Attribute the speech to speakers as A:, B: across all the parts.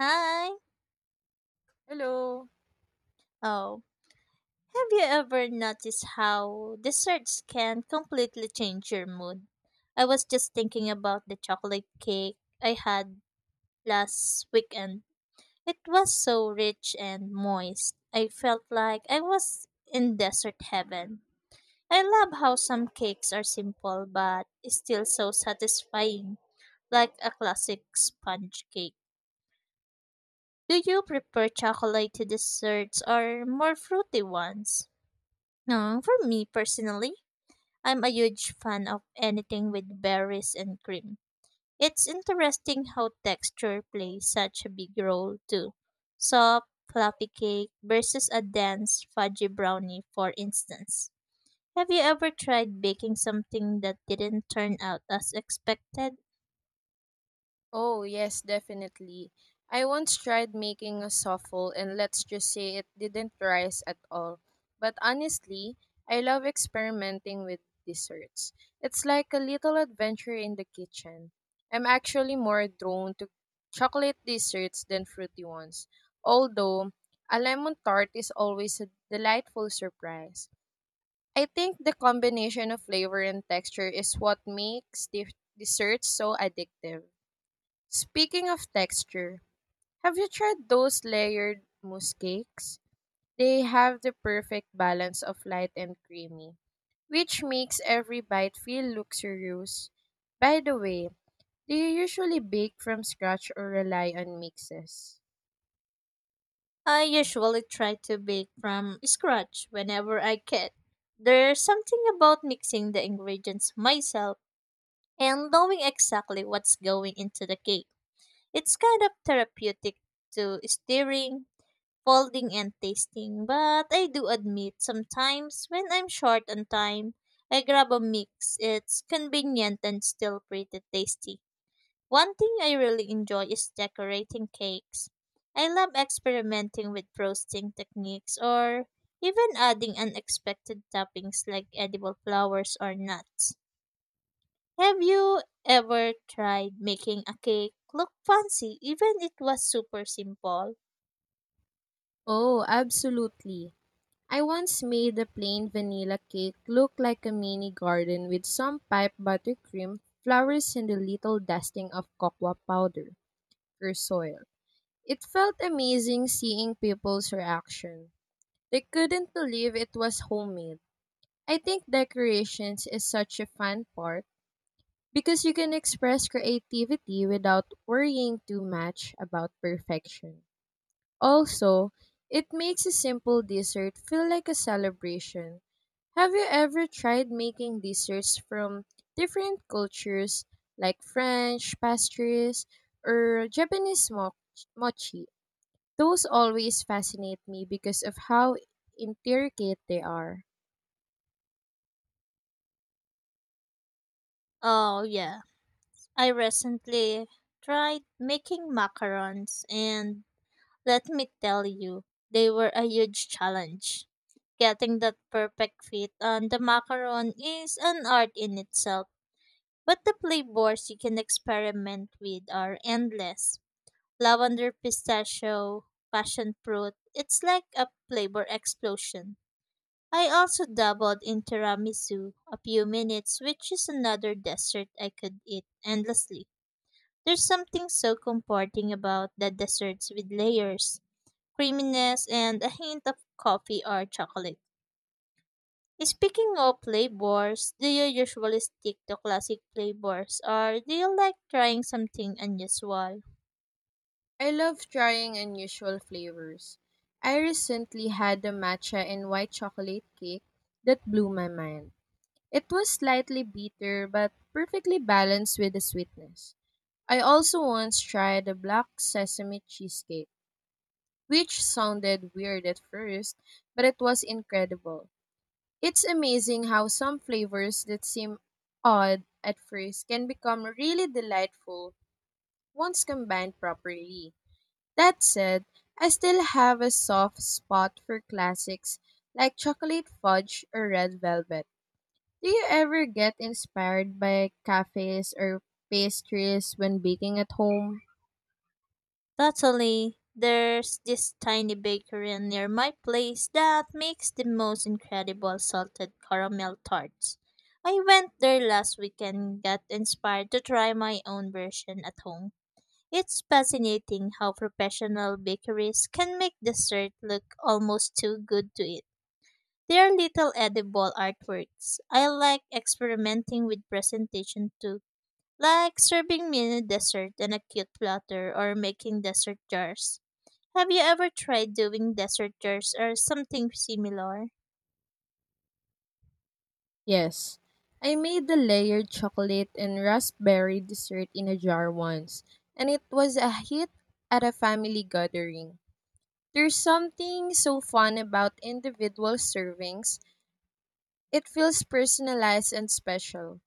A: Hi.
B: Hello.
A: Oh, have you ever noticed how desserts can completely change your mood? I was just thinking about the chocolate cake I had last weekend. It was so rich and moist. I felt like I was in desert heaven. I love how some cakes are simple but still so satisfying, like a classic sponge cake. Do you prefer chocolatey desserts or more fruity ones? No, for me personally, I'm a huge fan of anything with berries and cream. It's interesting how texture plays such a big role too. Soft, fluffy cake versus a dense, fudgy brownie, for instance. Have you ever tried baking something that didn't turn out as expected?
B: Oh, yes, definitely. I once tried making a souffle, and let's just say it didn't rise at all. But honestly, I love experimenting with desserts. It's like a little adventure in the kitchen. I'm actually more drawn to chocolate desserts than fruity ones, although a lemon tart is always a delightful surprise. I think the combination of flavor and texture is what makes desserts so addictive. Speaking of texture, have you tried those layered mousse cakes? They have the perfect balance of light and creamy, which makes every bite feel luxurious. By the way, do you usually bake from scratch or rely on mixes?
A: I usually try to bake from scratch whenever I can. There's something about mixing the ingredients myself and knowing exactly what's going into the cake. It's kind of therapeutic to stirring, folding, and tasting, but I do admit sometimes when I'm short on time, I grab a mix. It's convenient and still pretty tasty. One thing I really enjoy is decorating cakes. I love experimenting with frosting techniques or even adding unexpected toppings like edible flowers or nuts. Have you ever tried making a cake look fancy even it was super simple?
B: Oh, absolutely. I once made a plain vanilla cake look like a mini garden with some pipe buttercream, flowers, and a little dusting of cocoa powder or soil. It felt amazing seeing people's reaction. They couldn't believe it was homemade. I think decorations is such a fun part because you can express creativity without worrying too much about perfection. Also, it makes a simple dessert feel like a celebration. Have you ever tried making desserts from different cultures like French pastries or Japanese mochi? Those always fascinate me because of how intricate they are.
A: Oh yeah. I recently tried making macarons and let me tell you, they were a huge challenge. Getting that perfect fit on the macaron is an art in itself, but the flavors you can experiment with are endless. Lavender pistachio, passion fruit, it's like a flavor explosion. I also dabbled in tiramisu a few minutes, which is another dessert I could eat endlessly. There's something so comforting about the desserts with layers, creaminess, and a hint of coffee or chocolate. Speaking of flavors, do you usually stick to classic flavors or do you like trying something unusual?
B: I love trying unusual flavors. I recently had a matcha and white chocolate cake that blew my mind. It was slightly bitter but perfectly balanced with the sweetness. I also once tried a black sesame cheesecake, which sounded weird at first, but it was incredible. It's amazing how some flavors that seem odd at first can become really delightful once combined properly. That said, I still have a soft spot for classics like chocolate fudge or red velvet. Do you ever get inspired by cafes or pastries when baking at home?
A: Totally. There's this tiny bakery near my place that makes the most incredible salted caramel tarts. I went there last weekend and got inspired to try my own version at home. It's fascinating how professional bakeries can make dessert look almost too good to eat. They're little edible artworks. I like experimenting with presentation too, like serving mini dessert in a cute platter or making dessert jars. Have you ever tried doing deserters or something similar?
B: Yes. I made the layered chocolate and raspberry dessert in a jar once, and it was a hit at a family gathering. There's something so fun about individual servings. It feels personalized and special.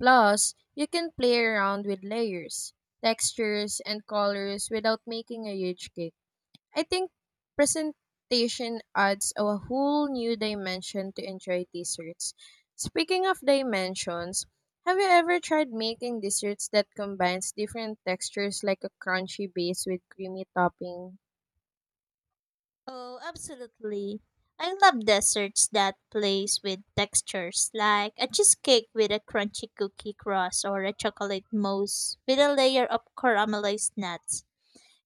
B: Plus, you can play around with layers, textures, and colors without making a huge cake. I think presentation adds a whole new dimension to enjoy desserts. Speaking of dimensions, have you ever tried making desserts that combines different textures like a crunchy base with creamy topping?
A: Oh, absolutely. I love desserts that plays with textures, like a cheesecake with a crunchy cookie crust or a chocolate mousse with a layer of caramelized nuts.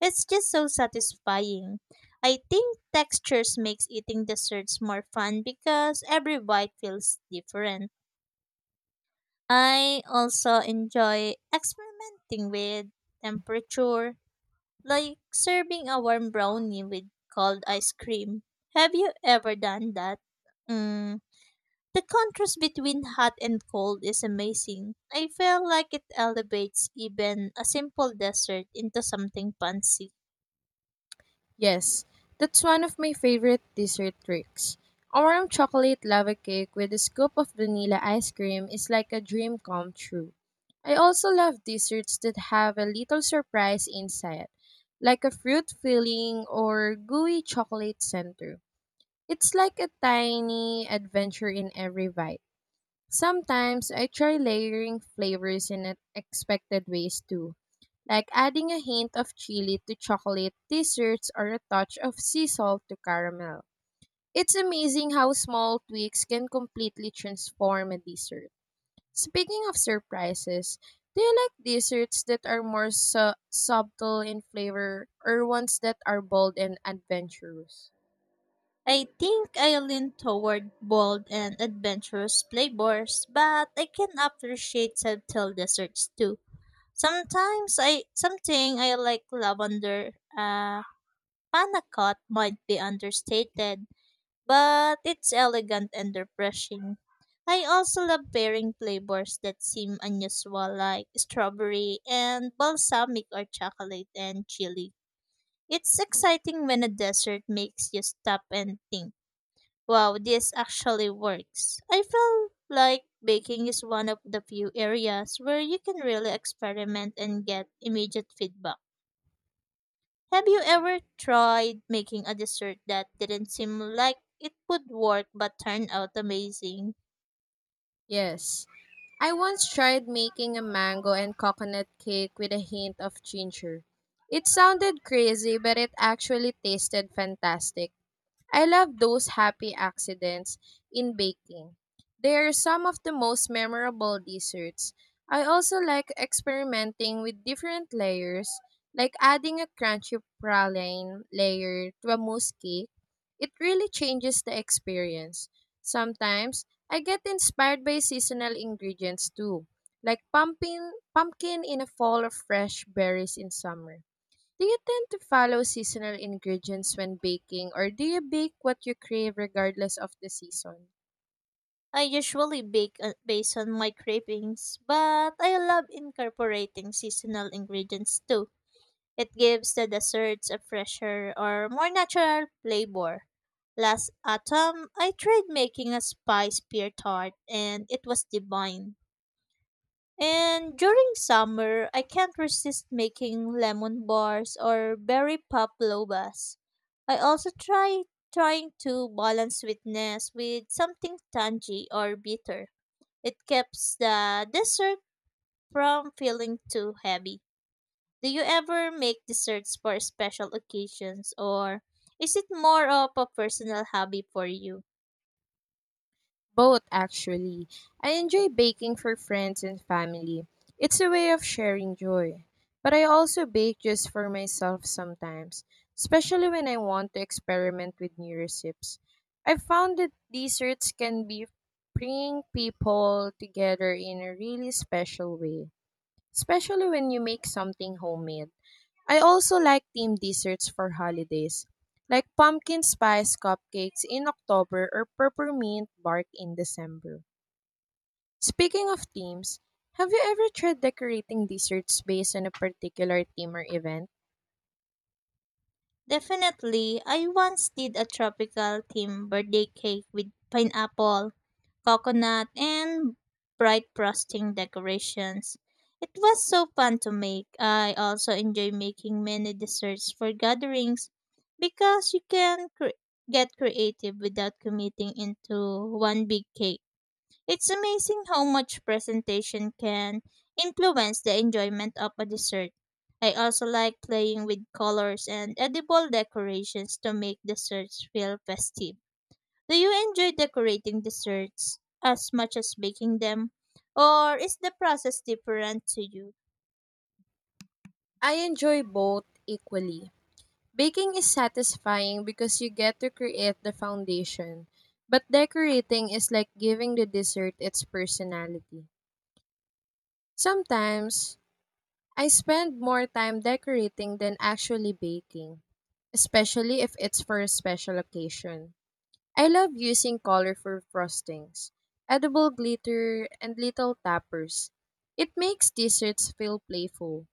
A: It's just so satisfying. I think textures makes eating desserts more fun because every bite feels different. I also enjoy experimenting with temperature, like serving a warm brownie with cold ice cream. Have you ever done that? Mm, the contrast between hot and cold is amazing. I feel like it elevates even a simple dessert into something fancy.
B: Yes, that's one of my favorite dessert tricks. A warm chocolate lava cake with a scoop of vanilla ice cream is like a dream come true. I also love desserts that have a little surprise inside, like a fruit filling or gooey chocolate center. It's like a tiny adventure in every bite. Sometimes I try layering flavors in unexpected ways too, like adding a hint of chili to chocolate desserts or a touch of sea salt to caramel. It's amazing how small tweaks can completely transform a dessert. Speaking of surprises, do you like desserts that are more subtle in flavor or ones that are bold and adventurous?
A: I think I lean toward bold and adventurous flavors, but I can appreciate subtle desserts too. Sometimes I something I like lavender panna cotta might be understated but it's elegant and refreshing. I also love pairing flavors that seem unusual like strawberry and balsamic or chocolate and chili. It's exciting when a dessert makes you stop and think, wow, this actually works. I feel like baking is one of the few areas where you can really experiment and get immediate feedback. Have you ever tried making a dessert that didn't seem like it would work but turned out amazing?
B: Yes. I once tried making a mango and coconut cake with a hint of ginger. It sounded crazy, but it actually tasted fantastic. I love those happy accidents in baking. They are some of the most memorable desserts. I also like experimenting with different layers, like adding a crunchy praline layer to a mousse cake. It really changes the experience. Sometimes, I get inspired by seasonal ingredients too, like pumpkin in a fall or fresh berries in summer. Do you tend to follow seasonal ingredients when baking, or do you bake what you crave regardless of the season?
A: I usually bake based on my cravings, but I love incorporating seasonal ingredients too. It gives the desserts a fresher or more natural flavor. Last autumn, I tried making a spice pear tart and it was divine. And during summer, I can't resist making lemon bars or berry pop I also try trying to balance sweetness with something tangy or bitter. It keeps the dessert from feeling too heavy. Do you ever make desserts for special occasions or is it more of a personal hobby for you?
B: Both, actually. I enjoy baking for friends and family. It's a way of sharing joy. But I also bake just for myself sometimes, especially when I want to experiment with new recipes. I've found that desserts can be bring people together in a really special way, especially when you make something homemade. I also like themed desserts for holidays, like pumpkin spice cupcakes in October or peppermint bark in December. Speaking of themes, have you ever tried decorating desserts based on a particular theme or event?
A: Definitely, I once did a tropical theme birthday cake with pineapple, coconut, and bright frosting decorations. It was so fun to make. I also enjoy making many desserts for gatherings because get creative without committing into one big cake. It's amazing how much presentation can influence the enjoyment of a dessert. I also like playing with colors and edible decorations to make desserts feel festive. Do you enjoy decorating desserts as much as baking them? Or is the process different to you?
B: I enjoy both equally. Baking is satisfying because you get to create the foundation, but decorating is like giving the dessert its personality. Sometimes I spend more time decorating than actually baking, especially if it's for a special occasion. I love using colorful frostings, edible glitter, and little tappers. It makes desserts feel playful.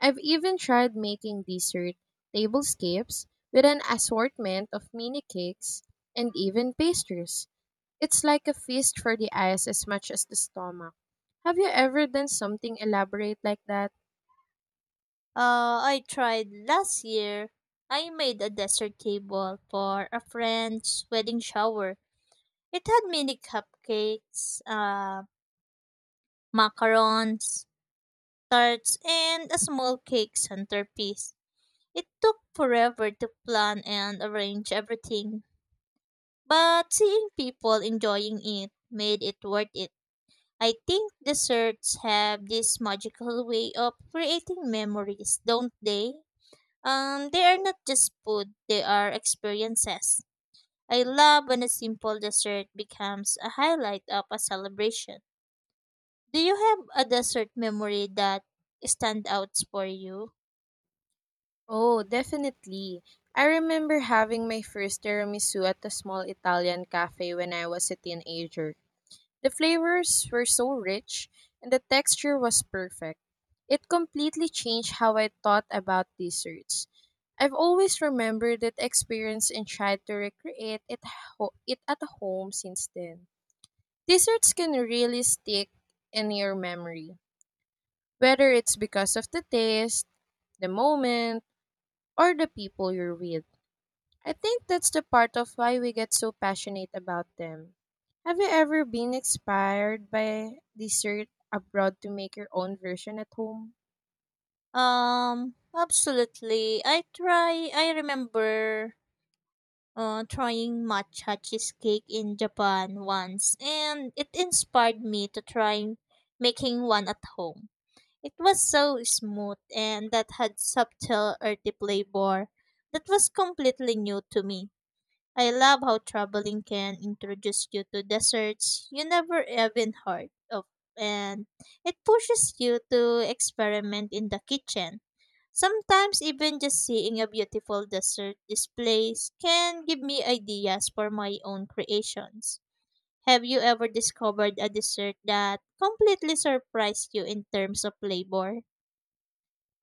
B: I've even tried making dessert tablescapes with an assortment of mini cakes and even pastries. It's like a feast for the eyes as much as the stomach. Have you ever done something elaborate like that?
A: I tried last year. I made a dessert table for a friend's wedding shower. It had mini cupcakes, macarons, tarts, and a small cake centerpiece. It took forever to plan and arrange everything, but seeing people enjoying it made it worth it. I think desserts have this magical way of creating memories, don't they? They are not just food, they are experiences. I love when a simple dessert becomes a highlight of a celebration. Do you have a dessert memory that stands out for you?
B: Oh, definitely. I remember having my first tiramisu at a small Italian cafe when I was a teenager. The flavors were so rich and the texture was perfect. It completely changed how I thought about desserts. I've always remembered that experience and tried to recreate it at home since then. Desserts can really stick in your memory, whether it's because of the taste, the moment, or the people you're with. I think that's the part of why we get so passionate about them. Have you ever been inspired by dessert abroad to make your own version at home?
A: Absolutely. I try. I remember trying matcha cheesecake in Japan once, and it inspired me to try making one at home. It was so smooth and that had subtle earthy flavor that was completely new to me. I love how traveling can introduce you to deserts you never even heard of, and it pushes you to experiment in the kitchen. Sometimes even just seeing a beautiful desert display can give me ideas for my own creations. Have you ever discovered a dessert that completely surprised you in terms of flavor?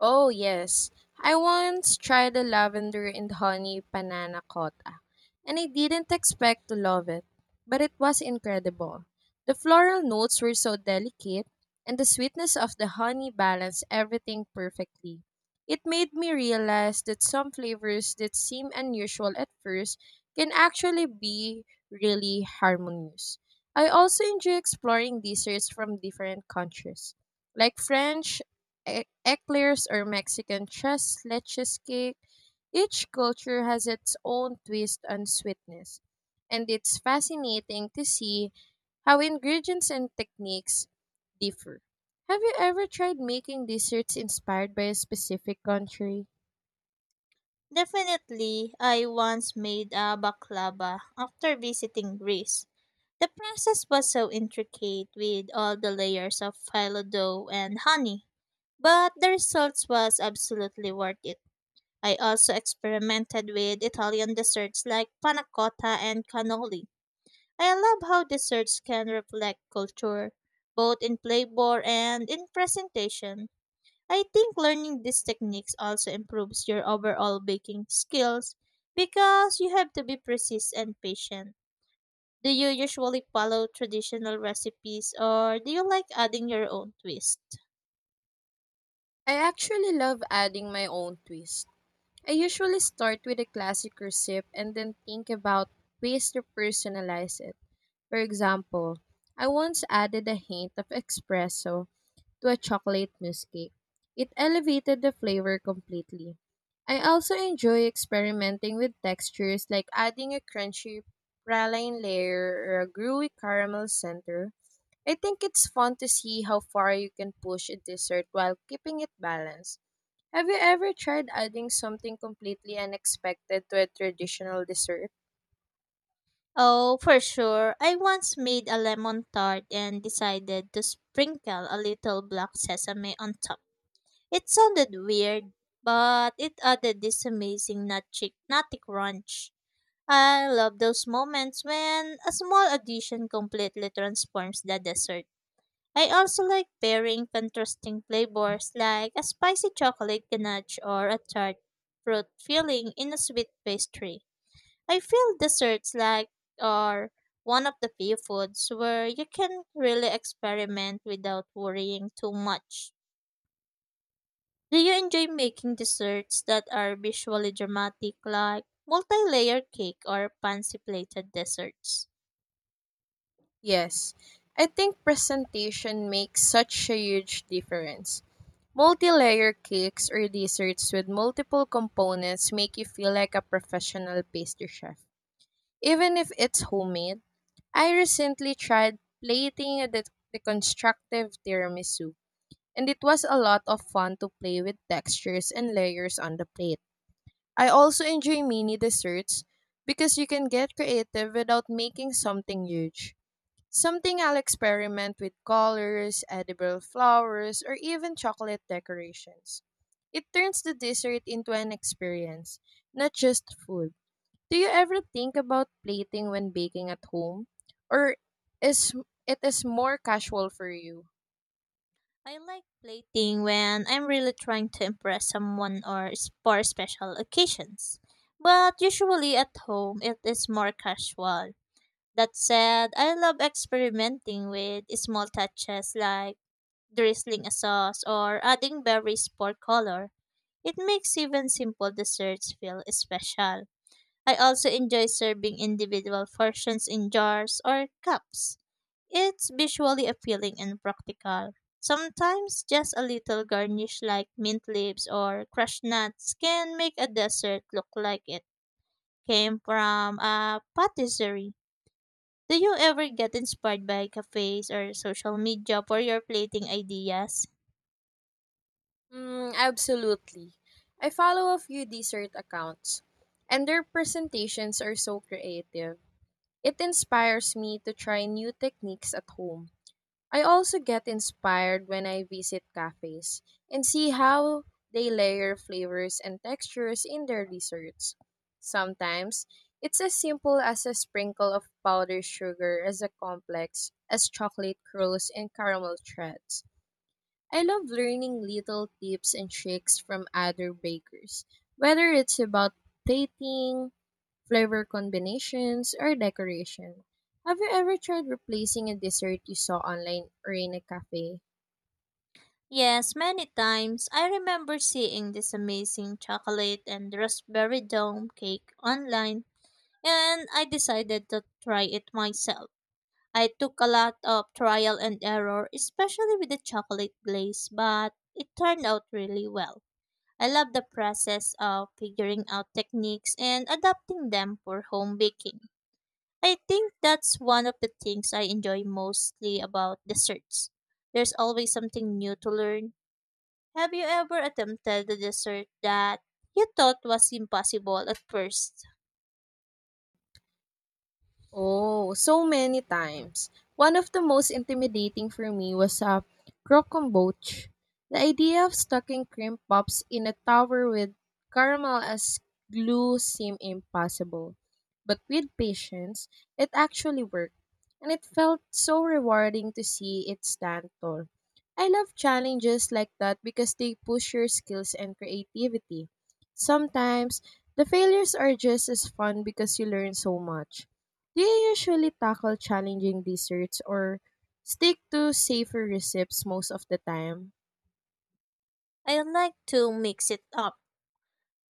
B: Oh, yes. I once tried the lavender and honey panana cotta, and I didn't expect to love it, but it was incredible. The floral notes were so delicate, and the sweetness of the honey balanced everything perfectly. It made me realize that some flavors that seem unusual at first can actually be really harmonious. I also enjoy exploring desserts from different countries, like French eclairs or Mexican tres leches cake. Each culture has its own twist on sweetness. And it's fascinating to see how ingredients and techniques differ. Have you ever tried making desserts inspired by a specific country?
A: Definitely, I once made a baklava after visiting Greece. The process was so intricate with all the layers of phyllo dough and honey, but the results was absolutely worth it. I also experimented with Italian desserts like panna cotta and cannoli. I love how desserts can reflect culture, both in flavor and in presentation. I think learning these techniques also improves your overall baking skills because you have to be precise and patient. Do you usually follow traditional recipes or do you like adding your own twist?
B: I actually love adding my own twist. I usually start with a classic recipe and then think about ways to personalize it. For example, I once added a hint of espresso to a chocolate mousse cake. It elevated the flavor completely. I also enjoy experimenting with textures like adding a crunchy praline layer or a gooey caramel center. I think it's fun to see how far you can push a dessert while keeping it balanced. Have you ever tried adding something completely unexpected to a traditional dessert?
A: Oh, for sure. I once made a lemon tart and decided to sprinkle a little black sesame on top. It sounded weird, but it added this amazing nutty crunch. I love those moments when a small addition completely transforms the dessert. I also like pairing contrasting flavors like a spicy chocolate ganache or a tart fruit filling in a sweet pastry. I feel desserts like are one of the few foods where you can really experiment without worrying too much. Do you enjoy making desserts that are visually dramatic, like multi-layer cake or fancy plated desserts?
B: Yes, I think presentation makes such a huge difference. Multi-layer cakes or desserts with multiple components make you feel like a professional pastry chef. Even if it's homemade, I recently tried plating a deconstructive tiramisu, and it was a lot of fun to play with textures and layers on the plate. I also enjoy mini desserts because you can get creative without making something huge. Something I'll experiment with colors, edible flowers, or even chocolate decorations. It turns the dessert into an experience, not just food. Do you ever think about plating when baking at home? Or is it is more casual for you?
A: I like plating when I'm really trying to impress someone for special occasions. But usually at home, it is more casual. That said, I love experimenting with small touches like drizzling a sauce or adding berries for color. It makes even simple desserts feel special. I also enjoy serving individual portions in jars or cups. It's visually appealing and practical. Sometimes just a little garnish like mint leaves or crushed nuts can make a dessert look like it came from a patisserie. Do you ever get inspired by cafes or social media for your plating ideas?
B: Mm, absolutely. I follow a few dessert accounts, and their presentations are so creative. It inspires me to try new techniques at home. I also get inspired when I visit cafes and see how they layer flavors and textures in their desserts. Sometimes it's as simple as a sprinkle of powdered sugar as a complex as chocolate curls and caramel threads. I love learning little tips and tricks from other bakers, whether it's about plating, flavor combinations, or decoration. Have you ever tried replacing a dessert you saw online or in a cafe?
A: Yes, many times. I remember seeing this amazing chocolate and raspberry dome cake online and I decided to try it myself. I took a lot of trial and error, especially with the chocolate glaze, but it turned out really well. I love the process of figuring out techniques and adapting them for home baking. I think that's one of the things I enjoy mostly about desserts. There's always something new to learn. Have you ever attempted a dessert that you thought was impossible at first?
B: Oh, so many times. One of the most intimidating for me was a croquembouche. The idea of stocking cream puffs in a tower with caramel as glue seemed impossible. But with patience, it actually worked, and it felt so rewarding to see it stand tall. I love challenges like that because they push your skills and creativity. Sometimes, the failures are just as fun because you learn so much. Do you usually tackle challenging desserts or stick to safer recipes most of the time?
A: I like to mix it up.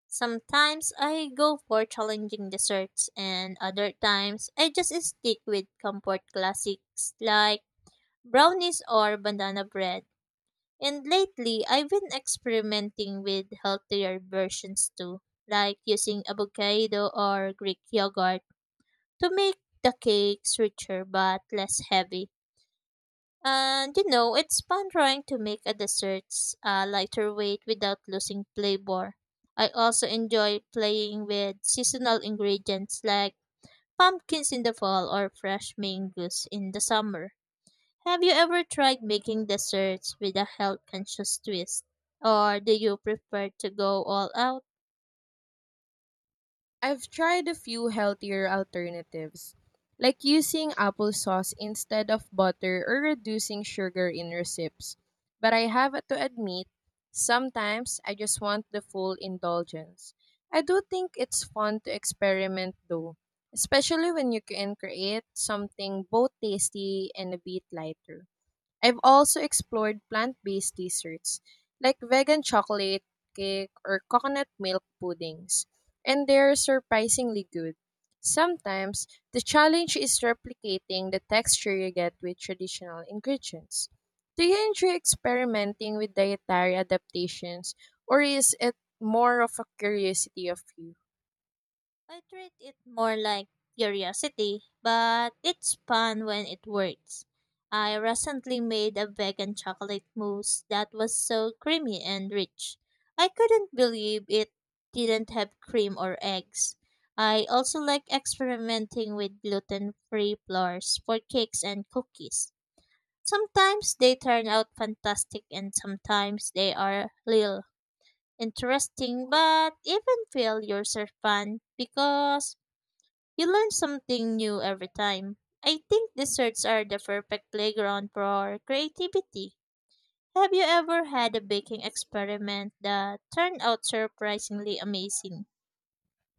A: Sometimes I go for challenging desserts, and other times I just stick with comfort classics like brownies or banana bread. And lately, I've been experimenting with healthier versions too, like using avocado or Greek yogurt to make the cakes richer but less heavy. And you know, it's fun trying to make a desserts lighter weight without losing flavor. I also enjoy playing with seasonal ingredients like pumpkins in the fall or fresh mangoes in the summer. Have you ever tried making desserts with a health conscious twist? Or do you prefer to go all out?
B: I've tried a few healthier alternatives, like using applesauce instead of butter or reducing sugar in recipes. But I have to admit, sometimes I just want the full indulgence. I do think it's fun to experiment though, especially when you can create something both tasty and a bit lighter. I've also explored plant-based desserts like vegan chocolate cake or coconut milk puddings, and they're surprisingly good. Sometimes the challenge is replicating the texture you get with traditional ingredients. Do you enjoy experimenting with dietary adaptations, or is it more of a curiosity of you?
A: I treat it more like curiosity, but it's fun when it works. I recently made a vegan chocolate mousse that was so creamy and rich. I couldn't believe it didn't have cream or eggs. I also like experimenting with gluten free flours for cakes and cookies. Sometimes they turn out fantastic and sometimes they are little interesting, but even failures are fun because you learn something new every time. I think desserts are the perfect playground for creativity. Have you ever had a baking experiment that turned out surprisingly amazing?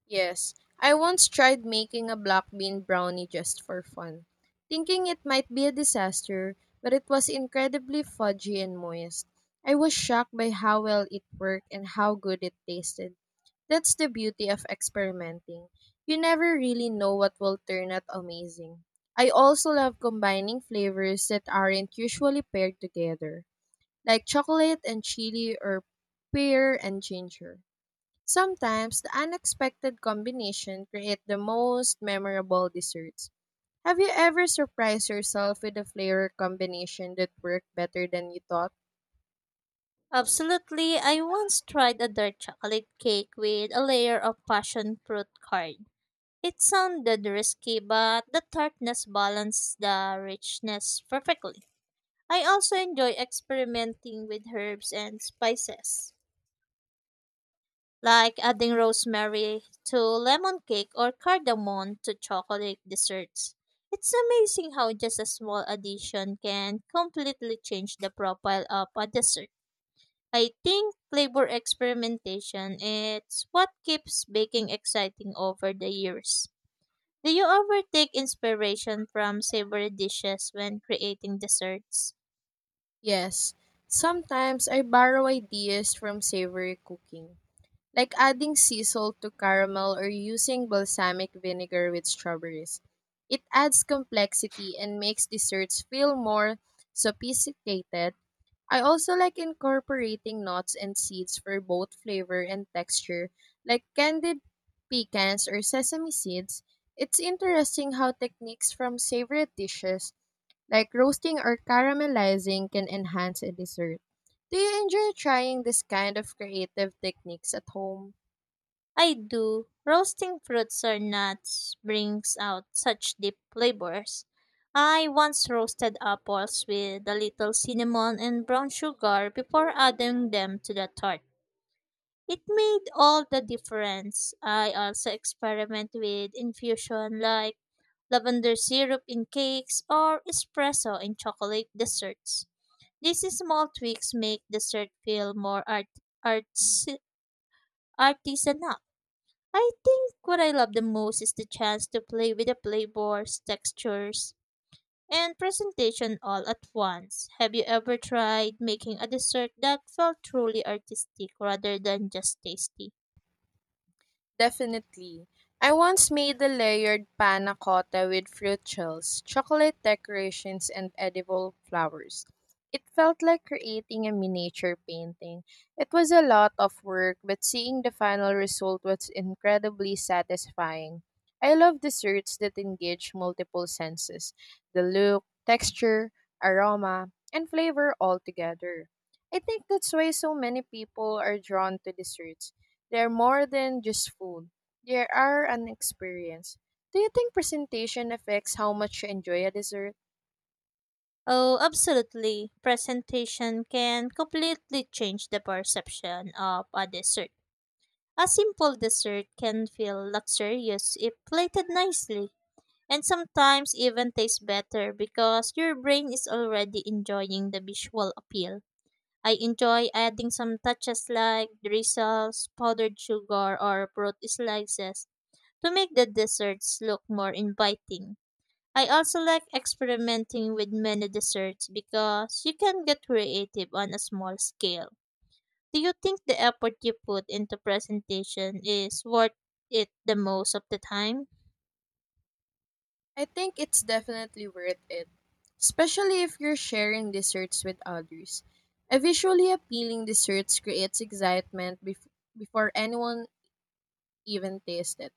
B: Yes, I once tried making a black bean brownie just for fun, thinking it might be a disaster, but it was incredibly fudgy and moist. I was shocked by how well it worked and how good it tasted. That's the beauty of experimenting. You never really know what will turn out amazing. I also love combining flavors that aren't usually paired together, like chocolate and chili or pear and ginger. Sometimes the unexpected combination create the most memorable desserts. Have you ever surprised yourself with a flavor combination that worked better than you thought?
A: Absolutely. I once tried a dark chocolate cake with a layer of passion fruit card. It sounded risky, but the tartness balanced the richness perfectly. I also enjoy experimenting with herbs and spices, like adding rosemary to lemon cake or cardamom to chocolate desserts. It's amazing how just a small addition can completely change the profile of a dessert. I think flavor experimentation is what keeps baking exciting over the years. Do you ever take inspiration from savory dishes when creating desserts?
B: Yes. Sometimes I borrow ideas from savory cooking, like adding sea salt to caramel or using balsamic vinegar with strawberries. It adds complexity and makes desserts feel more sophisticated. I also like incorporating nuts and seeds for both flavor and texture, like candied pecans or sesame seeds. It's interesting how techniques from favorite dishes, like roasting or caramelizing, can enhance a dessert. Do you enjoy trying this kind of creative techniques at home?
A: I do. Roasting fruits or nuts brings out such deep flavors. I once roasted apples with a little cinnamon and brown sugar before adding them to the tart. It made all the difference. I also experiment with infusion like lavender syrup in cakes or espresso in chocolate desserts. These small tweaks make dessert feel more arts, artisanal. I think what I love the most is the chance to play with the flavors, textures, and presentation all at once. Have you ever tried making a dessert that felt truly artistic rather than just tasty?
B: Definitely. I once made a layered panna cotta with fruit shells, chocolate decorations, and edible flowers. It felt like creating a miniature painting. It was a lot of work, but seeing the final result was incredibly satisfying. I love desserts that engage multiple senses, the look, texture, aroma, and flavor all together. I think that's why so many people are drawn to desserts. They're more than just food. They are an experience. Do you think presentation affects how much you enjoy a dessert?
A: Oh, absolutely. Presentation can completely change the perception of a dessert. A simple dessert can feel luxurious if plated nicely, and sometimes even tastes better because your brain is already enjoying the visual appeal. I enjoy adding some touches like drizzles, powdered sugar, or fruit slices to make the desserts look more inviting. I also like experimenting with menu desserts because you can get creative on a small scale. Do you think the effort you put into presentation is worth it the most of the time?
B: I think it's definitely worth it, especially if you're sharing desserts with others. A visually appealing dessert creates excitement before anyone even tastes it.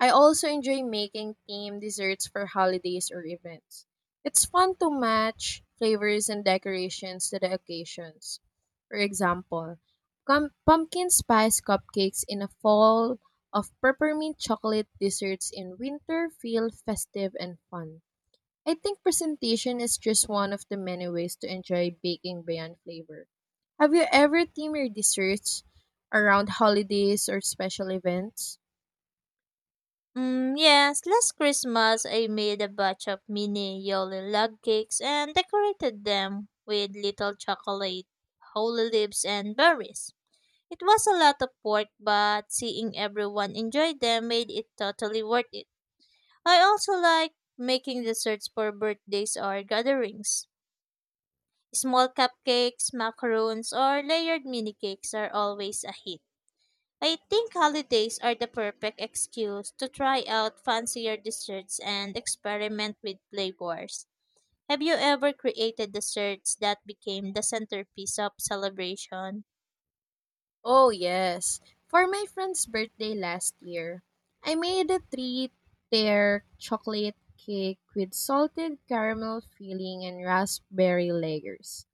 B: I also enjoy making themed desserts for holidays or events. It's fun to match flavors and decorations to the occasions. For example, pumpkin spice cupcakes in a fall of peppermint chocolate desserts in winter feel festive and fun. I think presentation is just one of the many ways to enjoy baking beyond flavor. Have you ever themed your desserts around holidays or special events?
A: Yes, last Christmas I made a batch of mini Yoli log cakes and decorated them with little chocolate, holy leaves, and berries. It was a lot of work, but seeing everyone enjoy them made it totally worth it. I also like making desserts for birthdays or gatherings. Small cupcakes, macarons, or layered mini cakes are always a hit. I think holidays are the perfect excuse to try out fancier desserts and experiment with flavors. Have you ever created desserts that became the centerpiece of celebration?
B: Oh, yes. For my friend's birthday last year, I made a three tier chocolate cake with salted caramel filling and raspberry layers.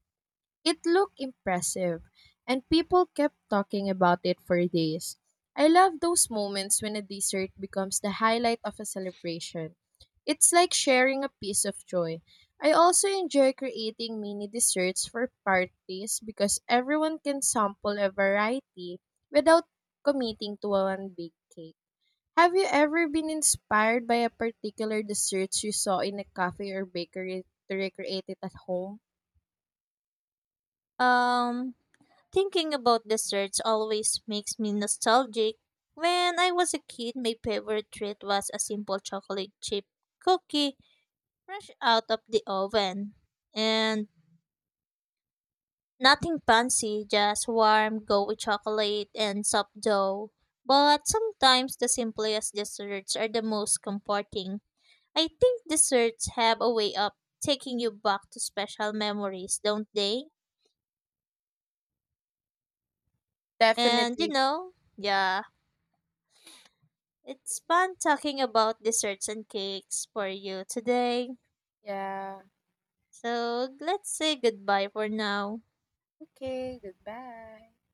B: It looked impressive, and people kept talking about it for days. I love those moments when a dessert becomes the highlight of a celebration. It's like sharing a piece of joy. I also enjoy creating mini desserts for parties because everyone can sample a variety without committing to one big cake. Have you ever been inspired by a particular dessert you saw in a cafe or bakery to recreate it at home?
A: Um, Thinking about desserts always makes me nostalgic. When I was a kid, my favorite treat was a simple chocolate chip cookie fresh out of the oven. And nothing fancy, just warm, gooey chocolate and soft dough. But sometimes the simplest desserts are the most comforting. I think desserts have a way of taking you back to special memories, don't they? And you
B: Definitely.
A: know, yeah. It's fun talking about desserts and cakes for you today.
B: Yeah.
A: So let's say goodbye for now.
B: Okay, goodbye.